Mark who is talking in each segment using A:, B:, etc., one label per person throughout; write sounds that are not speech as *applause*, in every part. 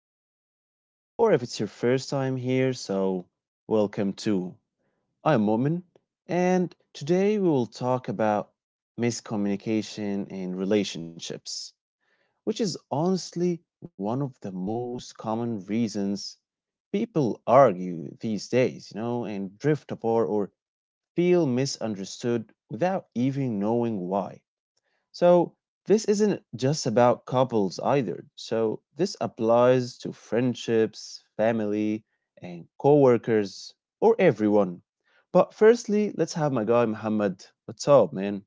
A: show. Or if it's your first time here, so welcome too. I'm Momin, and today we will talk about miscommunication in relationships, which is honestly one of the most common reasons people argue these days, and drift apart or feel misunderstood without even knowing why. So this isn't just about couples either. So this applies to friendships, family, and coworkers, or everyone. But firstly, let's have my guy Muhammad. What's up, man?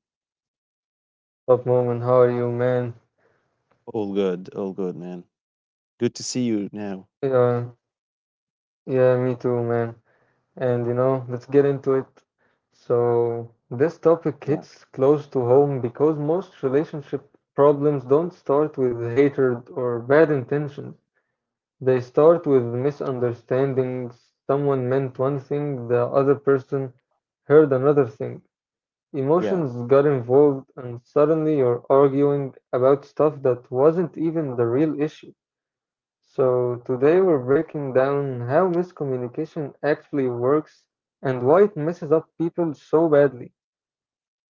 B: Up, Moment? How are you, man?
A: All good, man. Good to see you now.
B: Yeah, yeah, Me too, man. And you know, let's get into it. So, this topic
A: Yeah,
B: hits close to home because most relationship problems don't start with hatred or bad intentions. They start with misunderstandings. Someone meant one thing, the other person heard another thing.
A: yeah.
B: Emotions got involved, and suddenly you're arguing about stuff that wasn't even the real issue. So, today we're breaking down how miscommunication actually works and why it messes up people so badly.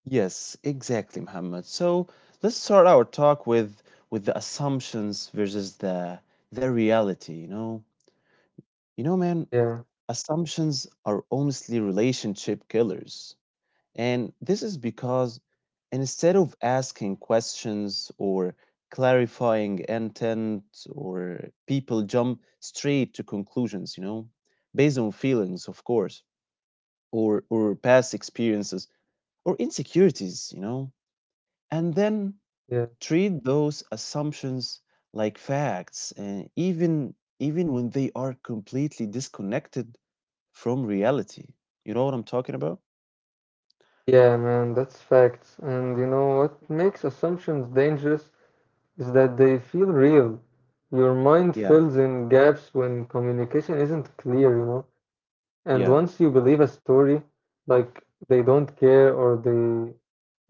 A: Yes, exactly, Muhammad. So let's start our talk with the assumptions versus the reality, you know? You know, man,
B: Yeah,
A: assumptions are honestly relationship killers. And this is because instead of asking questions or clarifying intent, or people jump straight to conclusions, based on feelings, of course, or past experiences or insecurities. And then
B: yeah,
A: treat those assumptions like facts, and even when they are completely disconnected from reality. You know what I'm talking about?
B: yeah, man, that's facts. And you know what makes assumptions dangerous is that they feel real. Your mind
A: Yeah,
B: fills in gaps when communication isn't clear, you know. And
A: yeah.
B: once you believe a story, like they don't care or they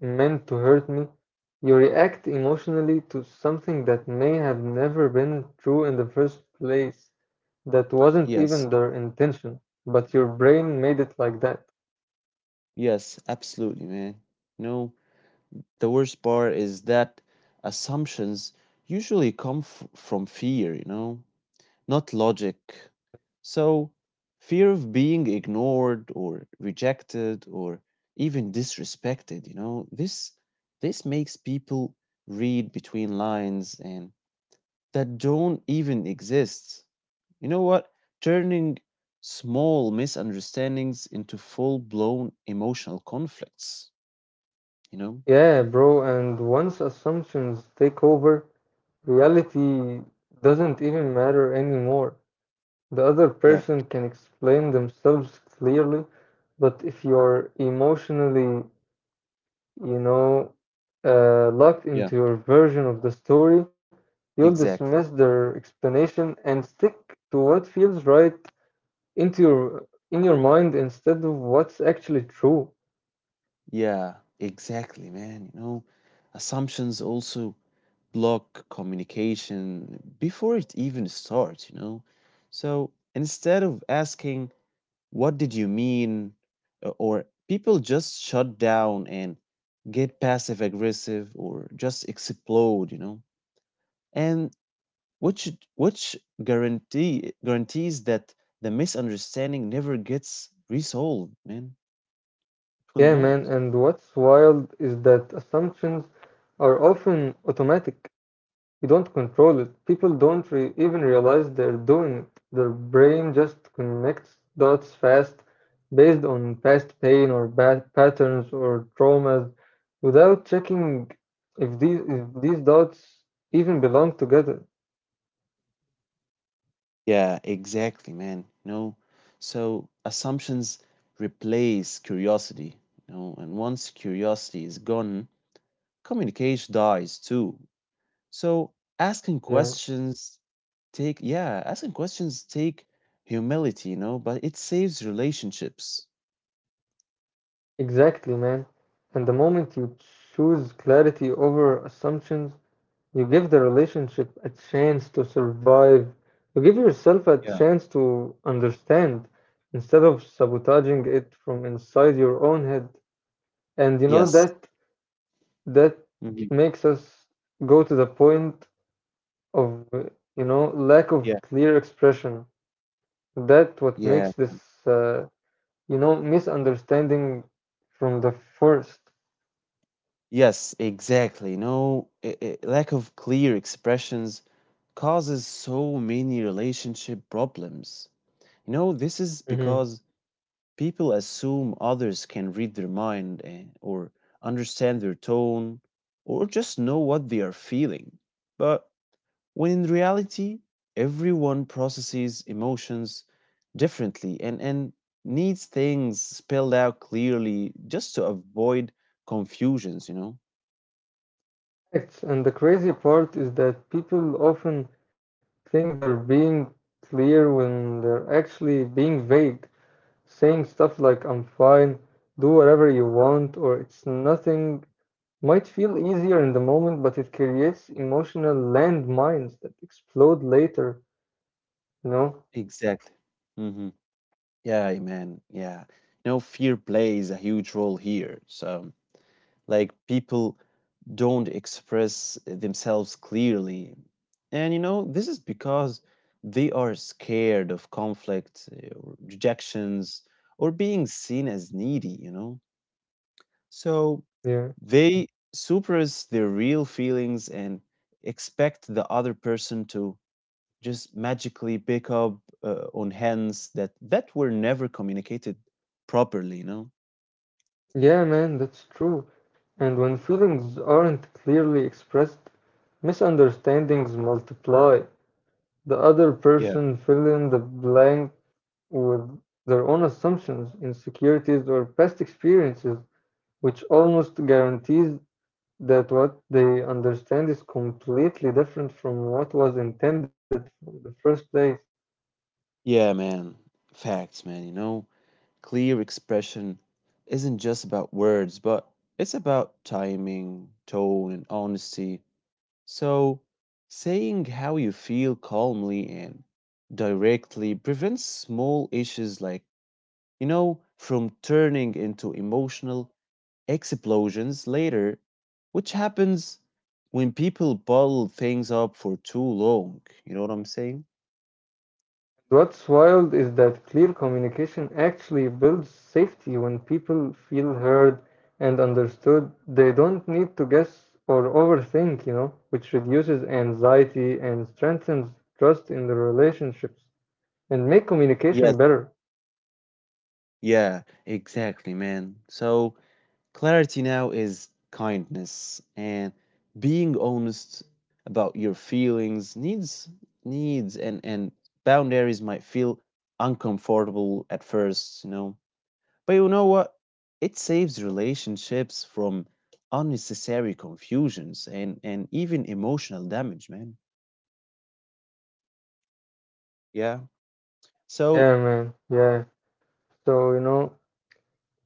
B: meant to hurt me, you react emotionally to something that may have never been true in the first place, that wasn't even
A: Yes,
B: their intention, but your brain made it like that.
A: yes, absolutely, man. No, the worst part is that assumptions usually come from fear, not logic. So, fear of being ignored or rejected or even disrespected, this makes people read between lines and that don't even exist. You know what? Turning small misunderstandings into full-blown emotional conflicts, you know?
B: Yeah, bro, and once assumptions take over, reality doesn't even matter anymore. The other person
A: Yeah.
B: can explain themselves clearly, but if you're emotionally you know, locked
A: Yeah,
B: into your version of the story, you'll dismiss
A: exactly.
B: their explanation and stick to what feels right into your mind instead of what's actually true.
A: Yeah, exactly, man. You know, assumptions also block communication before it even starts. So instead of asking, what did you mean? Or people just shut down and get passive aggressive or just explode. And which which guarantees that the misunderstanding never gets resolved, man. It will
B: Yeah, man,
A: not.
B: and what's wild is that assumptions are often automatic. You don't control it. People don't re even realize they're doing it. Their brain just connects dots fast based on past pain or bad patterns or traumas without checking if these dots even belong together.
A: Yeah, exactly, man. You know, so assumptions replace curiosity, and once curiosity is gone, communication dies too. So asking
B: Yeah,
A: questions asking questions take humility, but it saves relationships.
B: exactly, man. And the moment you choose clarity over assumptions, you give the relationship a chance to survive. You give yourself a
A: Yeah.
B: chance to understand instead of sabotaging it from inside your own head. And you know
A: Yes.
B: that that
A: Mhm.
B: makes us go to the point of, you know, lack of
A: Yeah.
B: clear expression. That what makes
A: Yeah.
B: this uh, you know misunderstanding from the 1st.
A: Yes, exactly. No, I lack of clear expressions causes so many relationship problems. You know, this is because people assume others can read their mind, or understand their tone or just know what they are feeling. But when in reality, everyone processes emotions differently and needs things spelled out clearly just to avoid confusions.
B: Facts. And the crazy part is that people often think they're being clear when they're actually being vague, saying stuff like, "I'm fine, do whatever you want," or "it's nothing," might feel easier in the moment, but it creates emotional landmines that explode later, you know?
A: Exactly. Mm-hmm. Yeah, man. Yeah. You know, fear plays a huge role here. So, like, people don't express themselves clearly. And you know, this is because they are scared of conflict, or rejections, or being seen as needy. So
B: Yeah.
A: they suppress their real feelings and expect the other person to just magically pick up on hands that were never communicated properly.
B: Yeah, man, that's true. And when feelings aren't clearly expressed, misunderstandings multiply. The other
A: Yeah.
B: person fill in the blank with their own assumptions, insecurities, or past experiences, which almost guarantees that what they understand is completely different from what was intended from the first place.
A: Yeah, man. Facts, man. Clear expression isn't just about words, but it's about timing, tone, and honesty. So, saying how you feel calmly and directly prevents small issues like, from turning into emotional explosions later, which happens when people bottle things up for too long. You know what I'm saying?
B: What's wild is that clear communication actually builds safety when people feel heard and understood. They don't need to guess or overthink, you know, which reduces anxiety and strengthens trust in the relationships and make
A: Yes.
B: communication better.
A: Yeah, exactly, man. So, clarity now is kindness, and being honest about your feelings needs and boundaries might feel uncomfortable at first. But you know what? It saves relationships from unnecessary confusions and even emotional damage, man. Yeah. So,
B: Yeah, man. Yeah. So, you know,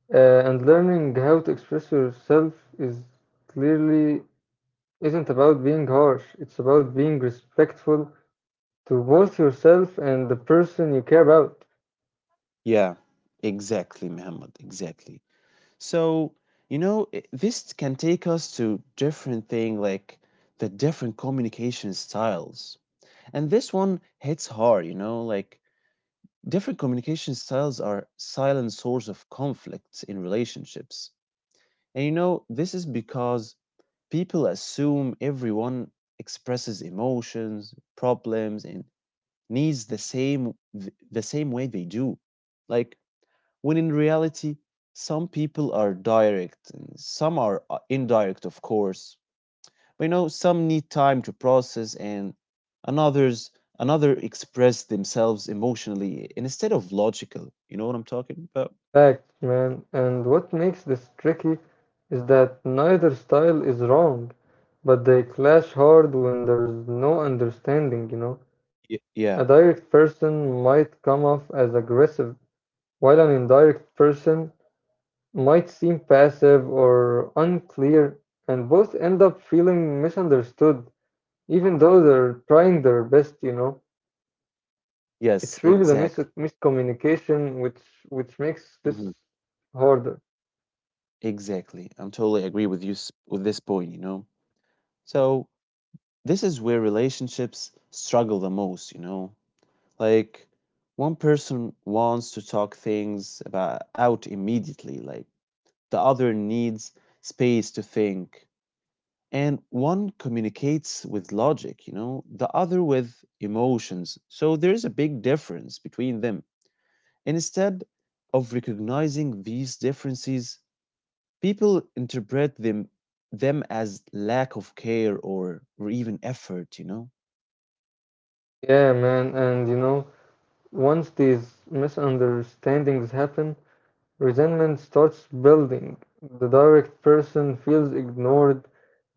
B: and learning how to express yourself is clearly isn't about being harsh. It's about being respectful to both yourself and the person you care about.
A: yeah. Exactly, Muhammad. Exactly. So, you know, this can take us to different thing like the different communication styles. And this one hits hard, like different communication styles are silent source of conflicts in relationships. And you know, this is because people assume everyone expresses emotions, problems, and needs the same the same way they do. Like when in reality, some people are direct and some are indirect, of course. But you know, some need time to process, and another's another express themselves emotionally instead of logical. You know what I'm talking about?
B: Fact, man. And what makes this tricky is that neither style is wrong, but they clash hard when there's no understanding, you know.
A: Yeah.
B: A direct person might come off as aggressive, while an indirect person might seem passive or unclear, and both end up feeling misunderstood, even though they're trying their best, you know. It's
A: Yes,
B: really the mis
A: exactly.
B: miscommunication which makes
A: hmm
B: this harder.
A: Exactly. I'm totally agree with this point. So, this is where relationships struggle the most. Like one person wants to talk things about out immediately, like the other needs space to think. And one communicates with logic, the other with emotions. So there is a big difference between them. And instead of recognizing these differences, people interpret them as lack of care or even effort.
B: Yeah, man, and you know, once these misunderstandings happen, resentment starts building. The direct person feels ignored,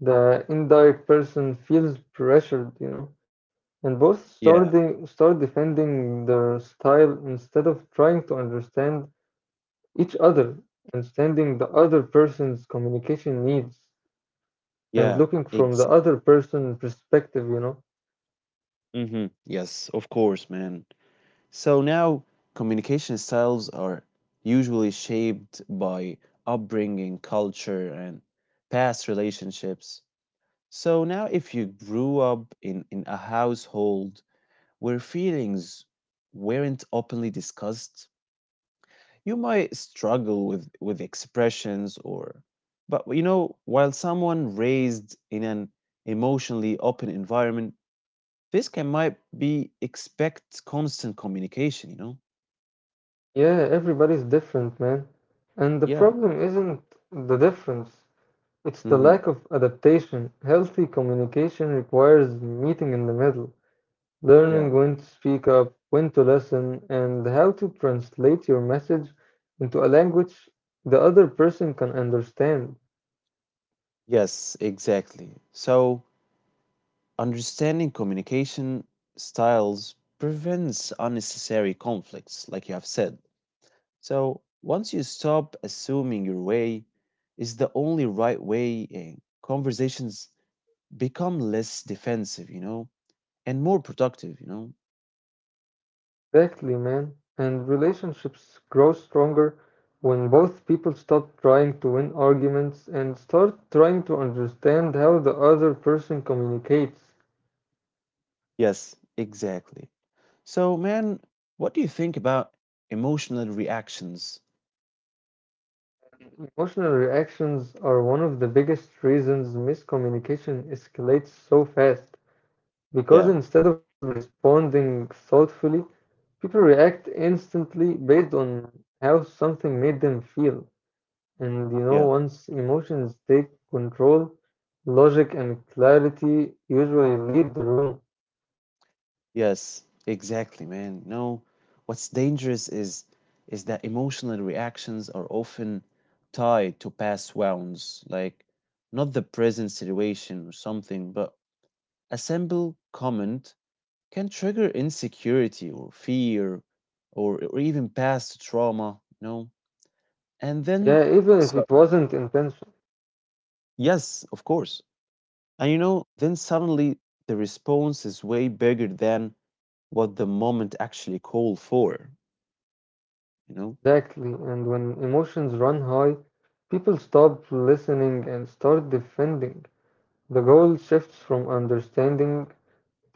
B: the indirect person feels pressured, you know, and both
A: Yeah,
B: start defending their style instead of trying to understand each other, understanding the other person's communication needs, and
A: yeah,
B: looking from the
A: exactly.
B: other person's perspective, you know.
A: Yes, of course, man. So now communication styles are usually shaped by upbringing, culture, and past relationships. So now, if you grew up in a household where feelings weren't openly discussed, you might struggle with expressions, or but while someone raised in an emotionally open environment, this can might be expect constant communication.
B: Yeah, everybody's different, man. And the
A: Yeah.
B: problem isn't the difference, it's the
A: Mhm.
B: lack of adaptation. Healthy communication requires meeting in the middle,
A: Yeah.
B: learning when to speak up, when to listen, and how to translate your message into a language the other person can understand.
A: Yes, exactly. So, understanding communication styles prevents unnecessary conflicts, like you have said. So, once you stop assuming your way is the only right way, conversations become less defensive, and more productive.
B: Exactly, man. And relationships grow stronger when both people stop trying to win arguments and start trying to understand how the other person communicates.
A: Yes, exactly. So, man, what do you think about emotional reactions?
B: Emotional reactions are one of the biggest reasons miscommunication escalates so fast
A: Yeah,
B: because instead of responding thoughtfully, people react instantly based on how something made them feel. And you know,
A: yeah.
B: once emotions take control, logic and clarity usually leave the room.
A: Yes, exactly, man. No, what's dangerous is that emotional reactions are often tied to past wounds, like not the present situation or something, but a simple comment can trigger insecurity or fear or even past trauma. And then,
B: Yeah, even if
A: so,
B: it wasn't intentional.
A: yes, of course. And you know, then suddenly the response is way bigger than what the moment actually called for, you know?
B: Exactly. And when emotions run high, people stop listening and start defending. The goal shifts from understanding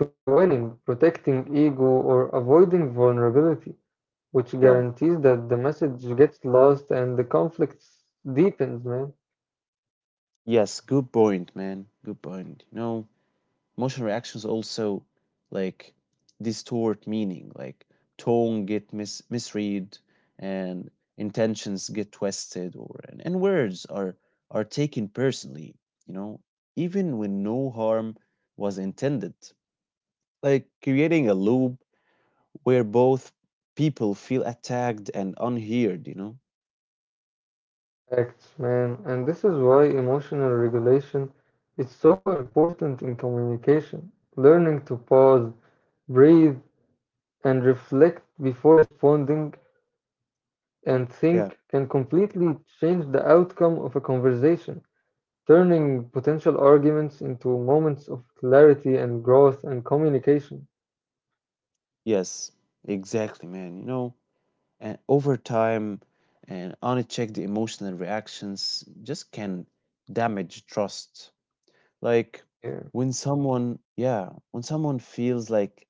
B: to winning, protecting ego, or avoiding vulnerability, which
A: Yeah.
B: guarantees that the message gets lost and the conflict deepens, man.
A: Yes. Good point, man. Good point. You know, emotional reactions also like distort meaning. Like tone get misread, and intentions get twisted, or and words are taken personally. You know, even when no harm was intended. Like creating a loop where both people feel attacked and unheard. You know.
B: Facts, man. And this is why emotional regulation is so important in communication. Learning to pause, breathe, and reflect before responding and
A: Yeah.
B: think can completely change the outcome of a conversation, turning potential arguments into moments of clarity and growth and communication.
A: Yes. Exactly, man. You know. And over time, and unchecked emotional reactions just can damage trust. Like
B: Yeah.
A: yeah, when someone feels like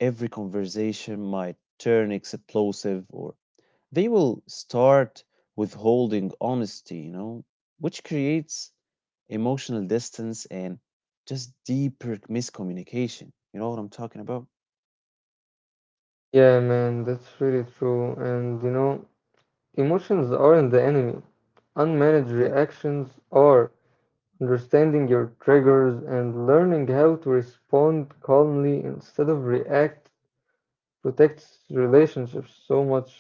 A: every conversation might turn explosive, or they will start withholding honesty, which creates emotional distance and just deeper miscommunication. You know what I'm talking about?
B: Yeah, man, that's really true. And you know, emotions aren't the enemy. Unmanaged reactions are. Understanding your triggers and learning how to respond calmly instead of react protects relationships so much.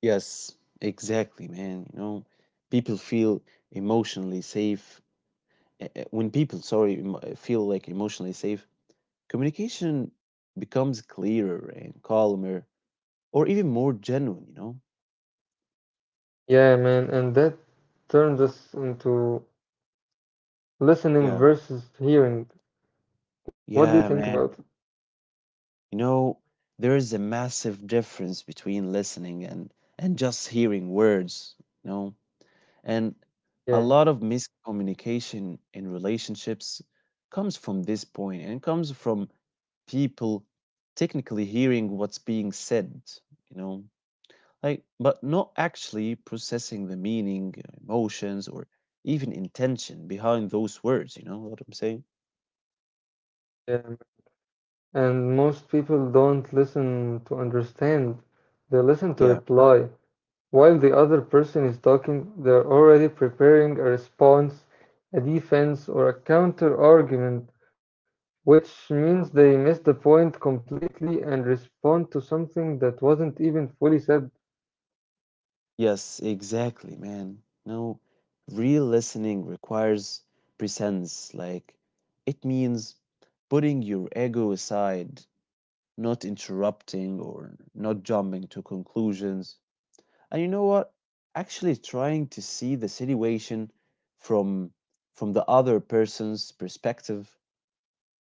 A: Yes, exactly, man. You know, people feel emotionally safe. When people, sorry, feel like emotionally safe, communication becomes clearer and calmer or even more genuine.
B: Yeah, man, and that turns us into listening
A: Yeah.
B: versus hearing. What do you think
A: Yeah,
B: about it?
A: man. You know, there is a massive difference between listening and just hearing words, you know? And
B: Yeah,
A: a lot of miscommunication in relationships comes from this point and comes from people technically hearing what's being said, you know, like, but not actually processing the meaning, emotions, or even intention behind those words, you know what I'm saying?
B: yeah. Man. And most people don't listen to understand, they listen to
A: Yeah.
B: reply. While the other person is talking, they're already preparing a response, a defense, or a counter argument, which means they miss the point completely and respond to something that wasn't even fully said.
A: Yes, exactly, man. No, real listening requires presence. Like, it means putting your ego aside, not interrupting or not jumping to conclusions. And you know what? Actually trying to see the situation from from the other person's perspective,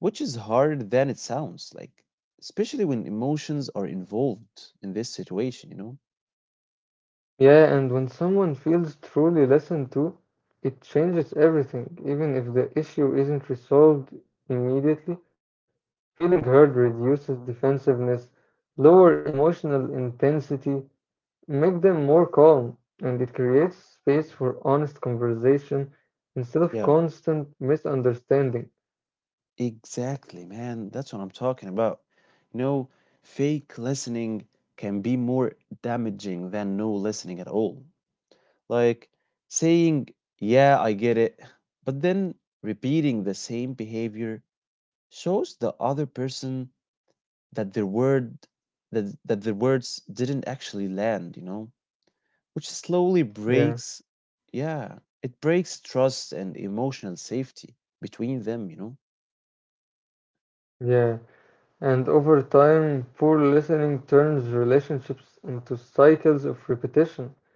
A: which is harder than it sounds, like especially when emotions are involved in this situation.
B: Yeah, and when someone feels truly listened to, it changes everything, even if the issue isn't resolved immediately. Feeling heard reduces defensiveness, lower emotional intensity, make them more calm, and it creates space for honest conversation instead of
A: Yeah,
B: constant misunderstanding.
A: exactly, man. That's what I'm talking about. You know, fake listening can be more damaging than no listening at all. Like saying, "Yeah, I get it," but then repeating the same behavior shows the other person that their words didn't actually land, which slowly
B: Yeah,
A: breaks yeah, it breaks trust and emotional safety between them.
B: yeah. And over time, poor listening turns relationships into cycles of repetition.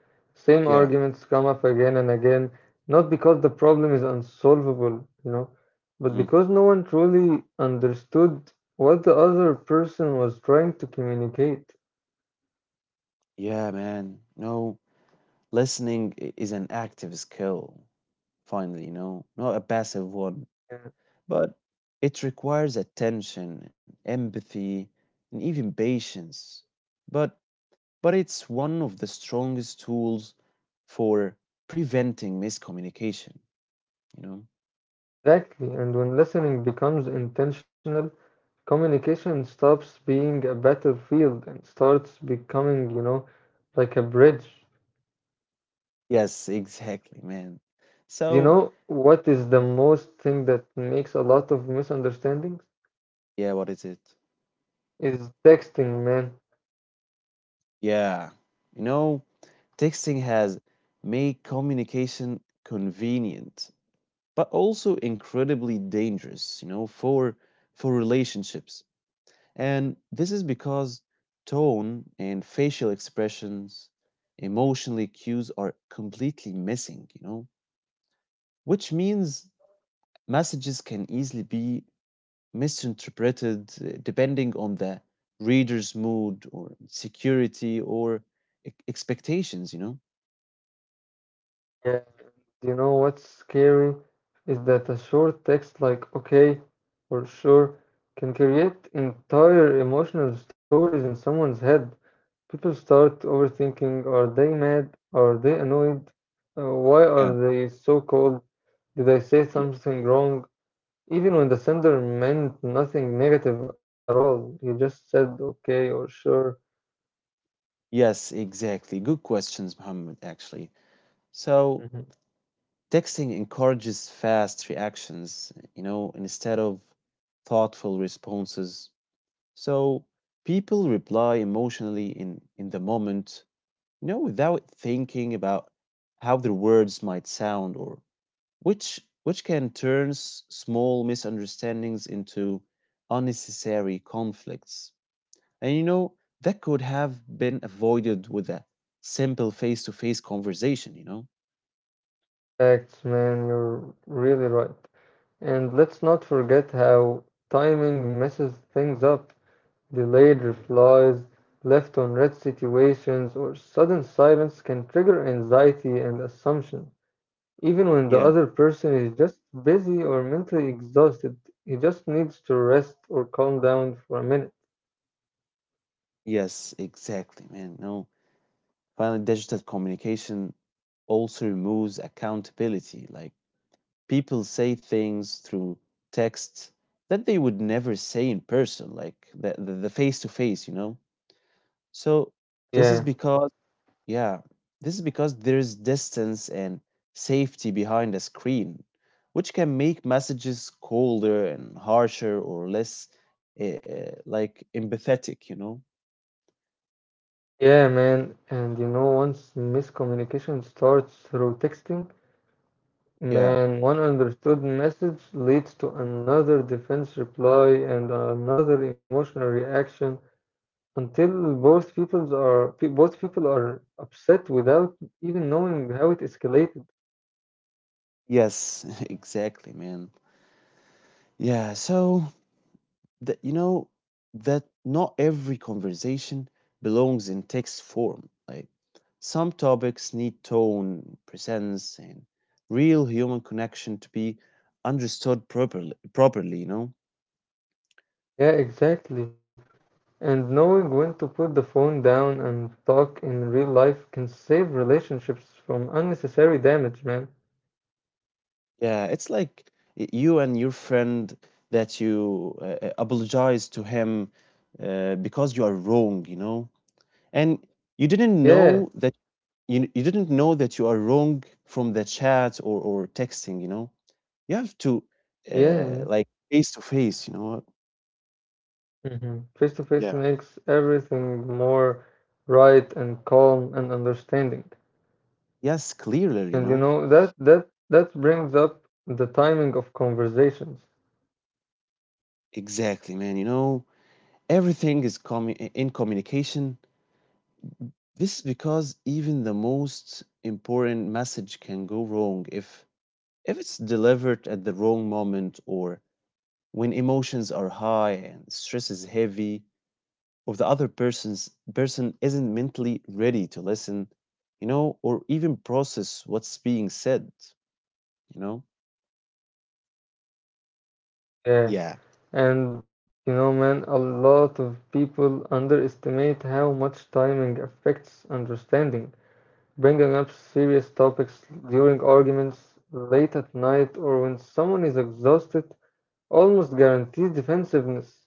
B: Same
A: Yeah.
B: arguments come up again and again, not because the problem is unsolvable, you know, but
A: Mhm.
B: because no one truly understood what the other person was trying to communicate.
A: Yeah, man. No, listening is an active skill, finally, not a passive one, but it requires attention and empathy and even patience. But but it's one of the strongest tools for preventing miscommunication, you know?
B: Exactly. And when listening becomes intentional, communication stops being a battlefield and starts becoming, you know, like a bridge.
A: Yes, exactly, man.
B: You
A: So,
B: know what is the most thing that makes a lot of misunderstandings?
A: yeah, what is it?
B: Is texting, man.
A: Yeah, you know, texting has made communication convenient, but also incredibly dangerous, for relationships. And this is because tone and facial expressions, emotional cues are completely missing. Which means messages can easily be misinterpreted depending on the reader's mood or security or expectations.
B: Yeah. You know what's scary is that a short text like "okay" or "sure" can create entire emotional stories in someone's head. People start overthinking, are they mad? Are they annoyed? Why are
A: Yeah.
B: they so cold? Did I say
A: Yes.
B: something wrong? Even when the sender meant nothing negative at all, he just said okay or sure.
A: Yes, exactly. Good questions, Muhammad, actually.
B: Mhm.
A: So, texting encourages fast reactions, instead of thoughtful responses. So, people reply emotionally in the moment, without thinking about how their words might sound, or which can turn small misunderstandings into unnecessary conflicts. And you know, that could have been avoided with a simple face-to-face conversation.
B: Facts, man, you're really right. And let's not forget how timing messes things up. Delayed replies, left on red situations, or sudden silence can trigger anxiety and assumption. Even when the
A: Yeah.
B: other person is just busy or mentally exhausted, he just needs to rest or calm down for a minute.
A: Yes, exactly, man. No. Finally, digital communication also removes accountability. Like people say things through text that they would never say in person, like the face to face. So this
B: Yeah.
A: is because, yeah, this is because there's distance and safety behind a screen, which can make messages colder and harsher or less like empathetic.
B: Yeah, man, and you know, once miscommunication starts through texting,
A: Yeah.
B: man, one understood message leads to another defense reply and another emotional reaction until both people are upset without even knowing how it escalated.
A: Yes, *laughs* exactly, man. Yeah, so that you know that not every conversation belongs in text form. Like, some topics need tone, presence, and real human connection to be understood properly.
B: Yeah, exactly. And knowing when to put the phone down and talk in real life can save relationships from unnecessary damage, man.
A: Yeah, it's like you and your friend that you apologize to him, because you are wrong, and you didn't
B: Yeah,
A: know that you didn't know that you are wrong from the chat, or texting, you know. You have to,
B: yeah, yeah.
A: like, face to face.
B: Mhm. Face to
A: Yeah.
B: face makes everything more right and calm and understanding.
A: Yes, clearly, you
B: And you
A: know.
B: know that that brings up the timing of conversations.
A: Exactly, man. Everything is coming in communication. This is because even the most important message can go wrong if it's delivered at the wrong moment, or when emotions are high and stress is heavy, or the other person's person isn't mentally ready to listen, or even process what's being said, you know?
B: Yeah.
A: Yeah.
B: And you know, man, a lot of people underestimate how much timing affects understanding. Bringing up serious topics during arguments, late at night, or when someone is exhausted almost guarantees defensiveness,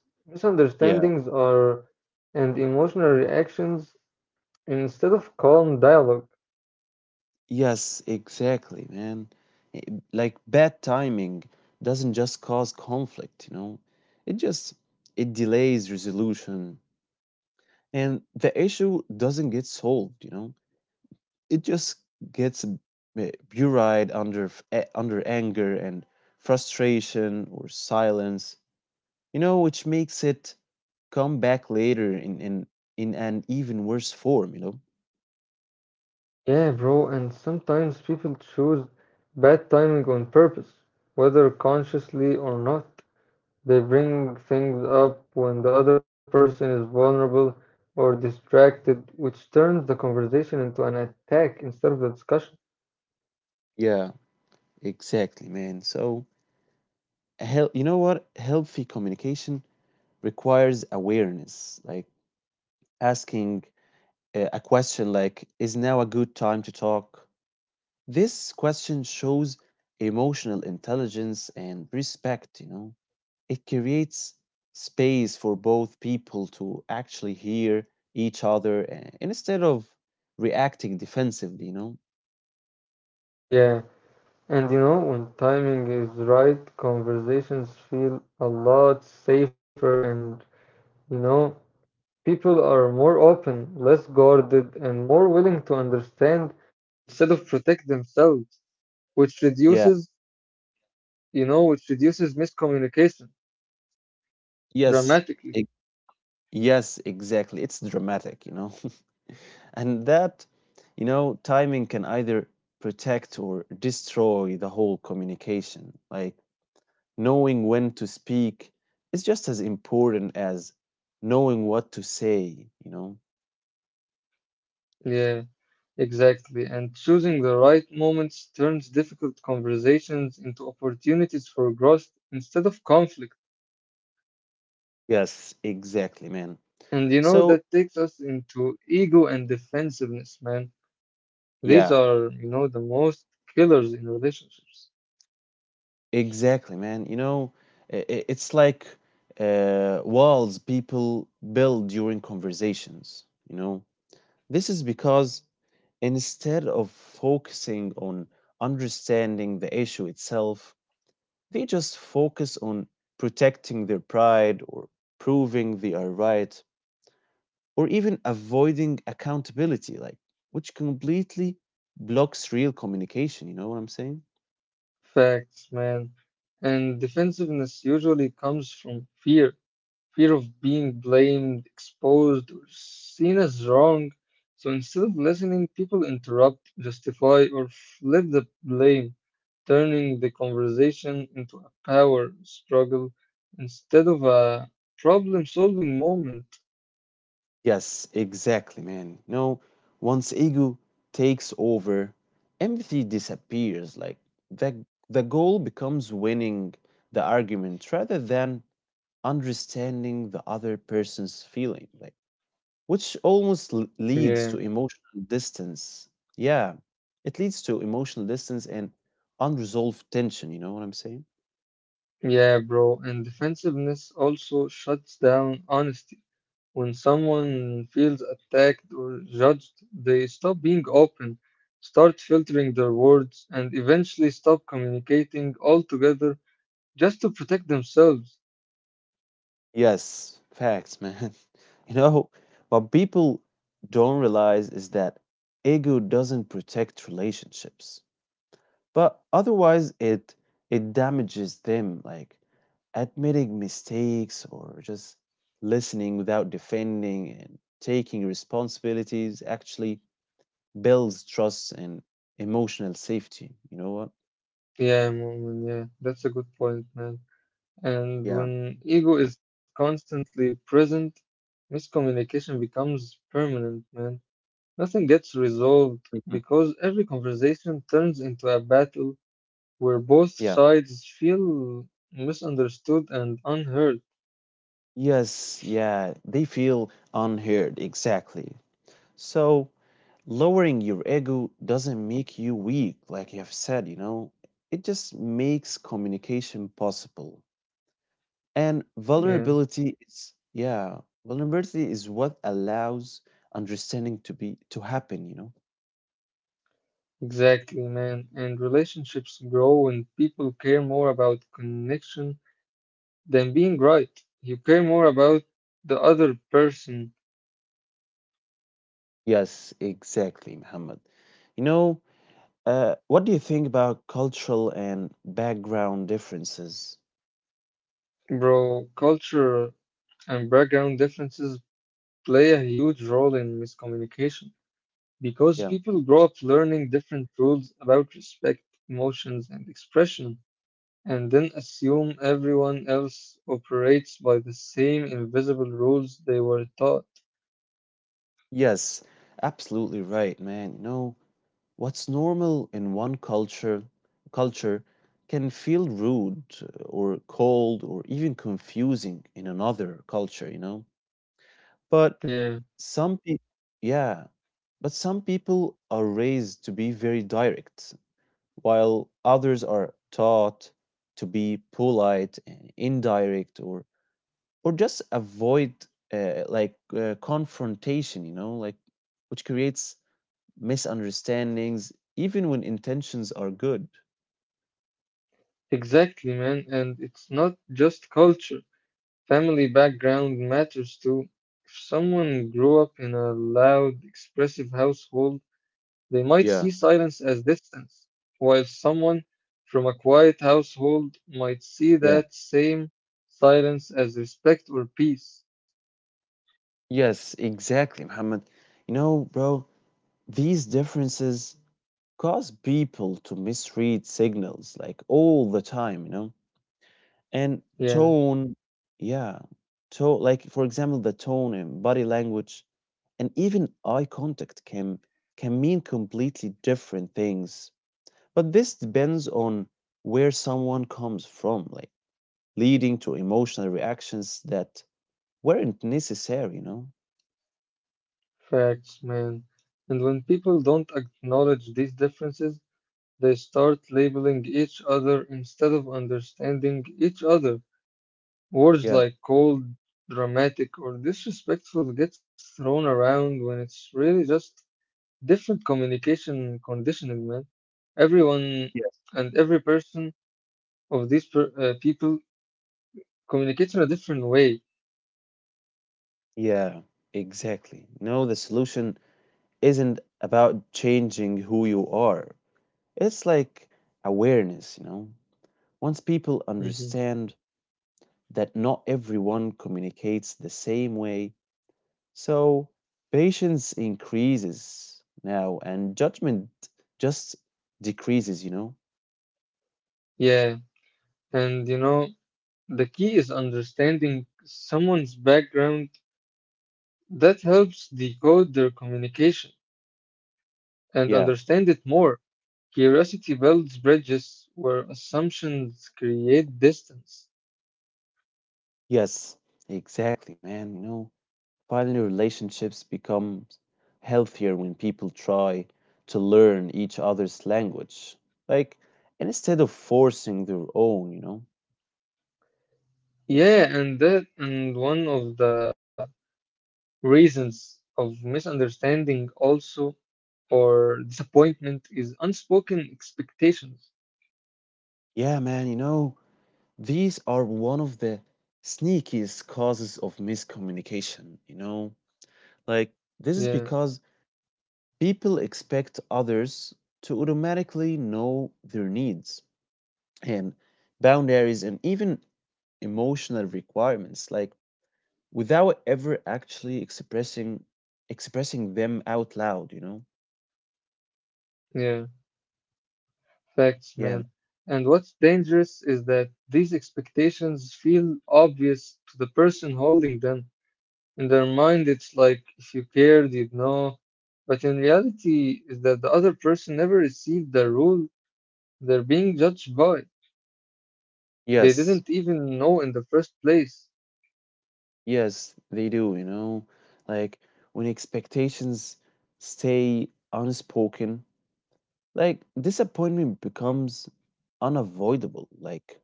A: Yeah.
B: misunderstandings, or and emotional reactions instead of calm dialogue.
A: Yes, exactly, man. Like, bad timing doesn't just cause conflict. It just it delays resolution, and the issue doesn't get solved. It just gets buried under anger and frustration or silence, which makes it come back later in an even worse form.
B: Yeah, bro, and sometimes people choose bad timing on purpose, whether consciously or not. They bring things up when the other person is vulnerable or distracted, which turns the conversation into an attack instead of a discussion.
A: Yeah, exactly, man. So, a hel- you know what healthy communication requires awareness, like asking a question like, is now a good time to talk? This question shows emotional intelligence and respect. It creates space for both people to actually hear each other, instead of reacting defensively.
B: Yeah. And you know, when timing is right, conversations feel a lot safer and you know, people are more open, less guarded, and more willing to understand instead of protect themselves, which
A: Yeah.
B: reduces, which reduces miscommunication
A: yes
B: dramatically.
A: e- yes exactly, it's dramatic. *laughs* And that, timing can either protect or destroy the whole communication, like knowing when to speak is just as important as knowing what to say.
B: Yeah, exactly. And choosing the right moments turns difficult conversations into opportunities for growth instead of conflict.
A: Yes, exactly, man.
B: And you know,
A: So,
B: that takes us into ego and defensiveness, man. These
A: yeah,
B: are, you know, the most killers in relationships.
A: exactly, man. It's like, walls people build during conversations. This is because, instead of focusing on understanding the issue itself, they just focus on protecting their pride, or proving they are right, or even avoiding accountability, like, which completely blocks real communication. You know what I'm saying?
B: Facts, man. And defensiveness usually comes from fear, fear of being blamed, exposed, or seen as wrong. So instead of listening, people interrupt, justify, or flip the blame, turning the conversation into a power struggle instead of a problem-solving moment.
A: Yes, exactly, man. No, once ego takes over, empathy disappears. Like, the the goal becomes winning the argument rather than understanding the other person's feeling, like, which almost
B: Yeah.
A: leads to emotional distance. Yeah, it leads to emotional distance and unresolved tension. You know what I'm saying?
B: Yeah, bro, and defensiveness also shuts down honesty. When someone feels attacked or judged, they stop being open, start filtering their words, and eventually stop communicating altogether just to protect themselves.
A: Yes, facts, man. *laughs* You know, what people don't realize is that ego doesn't protect relationships, but otherwise it damages them. Like, admitting mistakes, or just listening without defending, and taking responsibilities, actually builds trust and emotional safety. You know what?
B: Yeah, Mu'min, yeah, that's a good point, man. And
A: Yeah.
B: when ego is constantly present, miscommunication becomes permanent, man. Nothing gets resolved
A: Mhm.
B: because every conversation turns into a battle where both
A: Yeah.
B: sides feel misunderstood and unheard.
A: Yes, yeah, they feel unheard, exactly. So, lowering your ego doesn't make you weak, like you have said, it just makes communication possible. And
B: Yeah,
A: vulnerability is, yeah, vulnerability is what allows understanding to happen.
B: exactly, man. And relationships grow when people care more about connection than being right. You care more about the other person,
A: Yes, exactly, Muhammad. You know, what do you think about cultural and background differences?
B: bro. Culture and background differences play a huge role in miscommunication because
A: Yeah.
B: people grow up learning different rules about respect, emotions, and expression, and then assume everyone else operates by the same invisible rules they were taught.
A: Yes, absolutely right, man. What's normal in one culture can feel rude, or cold, or even confusing in another culture, you know? But
B: Yeah,
A: some people, yeah, but some people are raised to be very direct, while others are taught to be polite and indirect, or just avoid, like, confrontation, like, which creates misunderstandings even when intentions are good.
B: exactly, man. And it's not just culture, family background matters too. If someone grew up in a loud, expressive household, they might see
A: Yeah,
B: silence as distance, while someone from a quiet household might see
A: yeah.
B: that same silence as respect or peace.
A: Yes, exactly, Muhammad. Bro, these differences cause people to misread signals, like, all the time, you know? And
B: Yeah.
A: tone, yeah. Tone, like, for example, the tone in body language and even eye contact can mean completely different things. But this depends on where someone comes from, like, leading to emotional reactions that weren't necessary, you know?
B: Facts, man. And when people don't acknowledge these differences, they start labeling each other instead of understanding each other. Words
A: Yeah.
B: like cold, dramatic, or disrespectful gets thrown around when it's really just different communication conditioning, man. Everyone and every person of these people communicates in a different way.
A: Yeah, exactly. No, the solution isn't about changing who you are. It's like awareness. Once people
B: Hmm.
A: understand that not everyone communicates the same way, so patience increases now and judgment just decreases.
B: Yeah, and you know, the key is understanding someone's background. That helps decode their communication and
A: Yeah.
B: understand it more. Curiosity builds bridges where assumptions create distance.
A: Yes, exactly, man. Finally, relationships become healthier when people try to learn each other's language. Like, and instead of forcing their own, you know?
B: Yeah, and that and one of the reasons of misunderstanding also or disappointment is unspoken expectations.
A: Yeah, man, these are one of the sneakiest causes of miscommunication, you know? Like, this is
B: Yeah,
A: because people expect others to automatically know their needs, and boundaries, and even emotional requirements, like, without ever actually expressing them out loud, you know?
B: yeah, facts,
A: Yeah.
B: man. And what's dangerous is that these expectations feel obvious to the person holding them. In their mind, it's like if you cared, you'd know. But in reality, is that the other person never received the rule they're being judged by. They
A: Yes.
B: didn't even know in the first place.
A: Yes, they do, you know? Like, when expectations stay unspoken, like, disappointment becomes unavoidable. Like,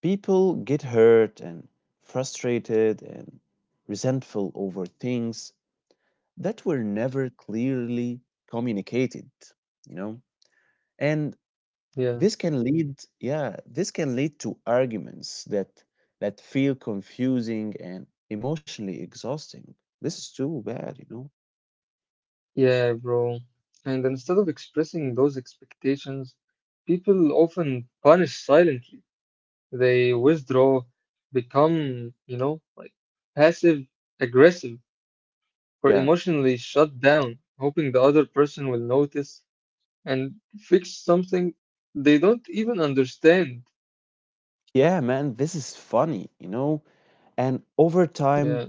A: people get hurt and frustrated and resentful over things that were never clearly communicated, you know? And
B: Yeah,
A: Yeah, this can lead to arguments that feel confusing and emotionally exhausting. This is too bad.
B: yeah, bro. And instead of expressing those expectations, people often punish silently. They withdraw, become, you know, like passive aggressive or
A: Yeah.
B: emotionally shut down, hoping the other person will notice and fix something they don't even understand.
A: Yeah, man, this is funny. And over
B: Yeah,
A: time,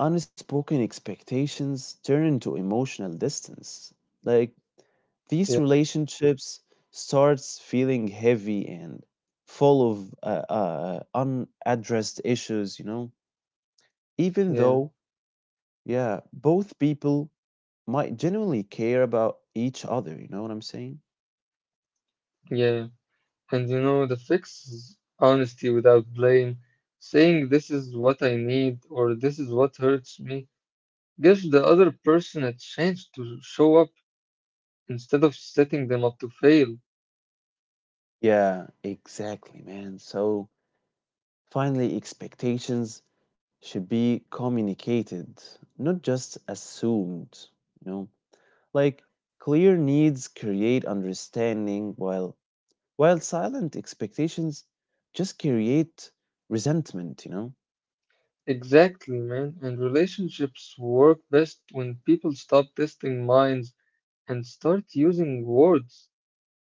A: unspoken expectations turn into emotional distance. Like,
B: yeah,
A: these relationships starts feeling heavy and full of unaddressed issues, even
B: yeah,
A: though, yeah, both people might genuinely care about each other, you know what I'm saying?
B: yeah. And you know, the fix is honesty without blame, saying this is what I need or this is what hurts me, gives the other person a chance to show up instead of setting them up to fail.
A: Yeah, exactly, man. So, finally, expectations should be communicated, not just assumed, you know. Like, clear needs create understanding, while silent expectations just create resentment.
B: Exactly, man. And relationships work best when people stop testing minds and start using words,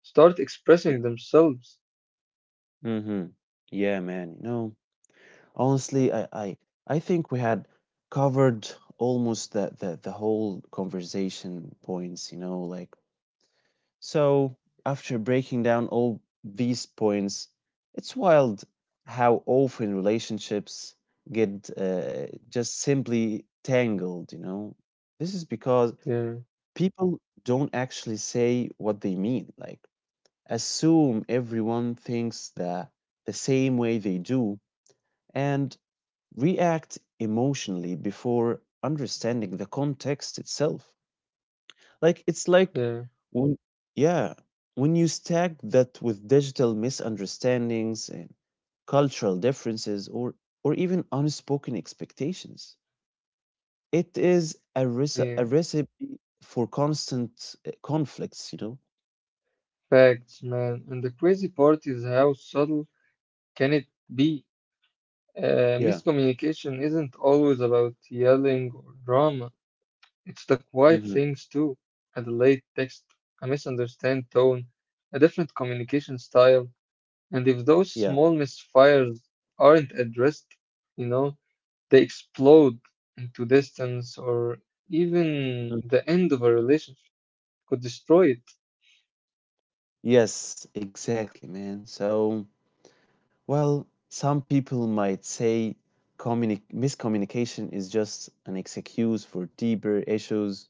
B: start
A: Yeah.
B: expressing themselves.
A: Mm-hmm. Yeah, man. Honestly, I think we had covered almost the whole conversation points, like, so after breaking down all these points, it's wild how often relationships get, just simply tangled. This is because
B: Yeah,
A: people don't actually say what they mean, like, assume everyone thinks the same way they do, and react emotionally before understanding the context itself. Like, it's
B: yeah,
A: like, when, yeah, when you stack that with digital misunderstandings and cultural differences, or even unspoken expectations, it is a, rece-
B: yeah.
A: a recipe for constant, conflicts, you know?
B: Facts, man. And the crazy part is how subtle can it be?
A: Yeah.
B: Miscommunication isn't always about yelling or drama. It's the quiet
A: Hmm.
B: things too. A delayed text, a misunderstood tone, a different communication style. And if those
A: Yeah.
B: small misfires aren't addressed, you know, they explode into distance or even the
A: Mm.
B: end of a relationship could destroy it.
A: Yes, exactly, man. So, well, some people might say, miscommunication is just an excuse for deeper issues.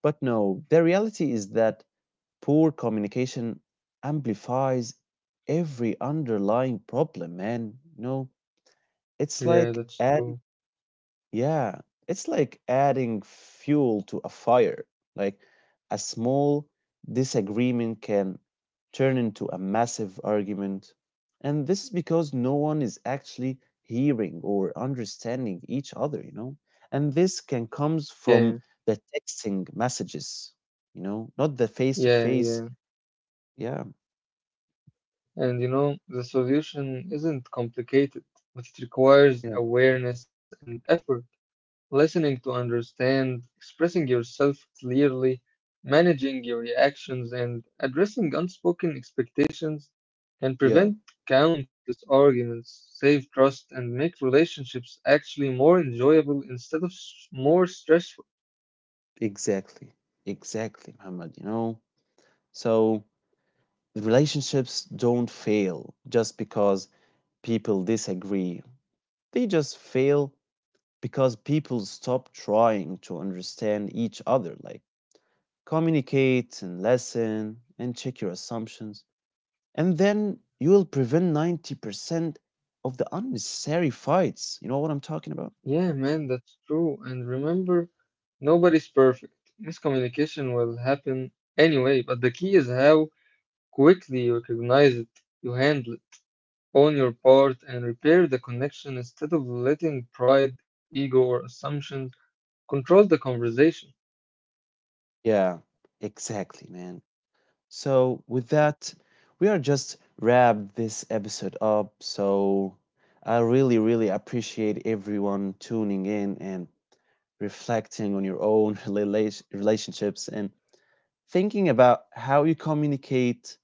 A: But no, the reality is that poor communication amplifies every underlying problem, man. It's
B: Yeah,
A: like
B: that's
A: an
B: true.
A: yeah, it's like adding fuel to a fire. Like, a small disagreement can turn into a massive argument. And this is because no one is actually hearing or understanding each other, you know? And this can comes
B: Yeah,
A: from the texting messages, not the face to
B: yeah.
A: face. Yeah,
B: And you know, the solution isn't complicated, but it requires
A: yeah,
B: awareness and effort, listening to understand, expressing yourself clearly, managing your reactions, and addressing unspoken expectations can
A: yeah,
B: prevent countless arguments, save trust, and make relationships actually more enjoyable instead of more stressful.
A: exactly. Exactly, Muhammad, you know? So, the relationships don't fail just because people disagree. They just fail because people stop trying to understand each other, like, communicate and listen and check your assumptions. And then you will prevent 90% of the unnecessary fights. You know what I'm talking about?
B: Yeah, man, that's true. And remember, nobody's perfect. Miscommunication will happen anyway, but the key is how quickly you recognize it, you handle it, own your part, and repair the connection instead of letting pride, ego, or assumptions control the conversation.
A: Yeah, exactly, man. So, with that, we are just wrap this episode up. So, I really, really appreciate everyone tuning in and reflecting on your own *laughs* relationships, and thinking about how you communicate,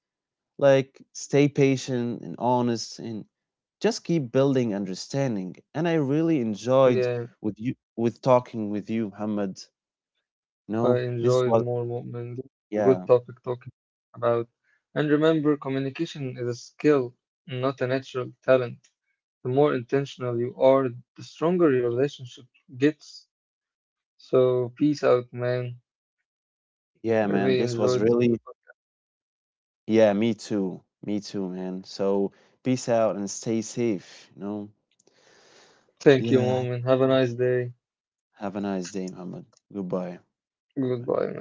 A: like, stay patient and honest and just keep building understanding. And I really enjoyed,
B: Yeah,
A: with talking with you, Muhammad.
B: I
A: No, this
B: enjoyed
A: was,
B: more movement. A good
A: yeah.
B: topic talking about. And remember, communication is a skill, not a natural talent. The more intentional you are, the stronger your relationship gets. So, peace out, man. I
A: Yeah,
B: really
A: man, this
B: enjoyed.
A: was really, yeah, me too, me too, man. So peace out, and stay safe.
B: Thank you,
A: Yeah.
B: mom, and have a nice day.
A: Have a nice day, Muhammad. Goodbye.
B: Goodbye,
A: Bye.
B: man.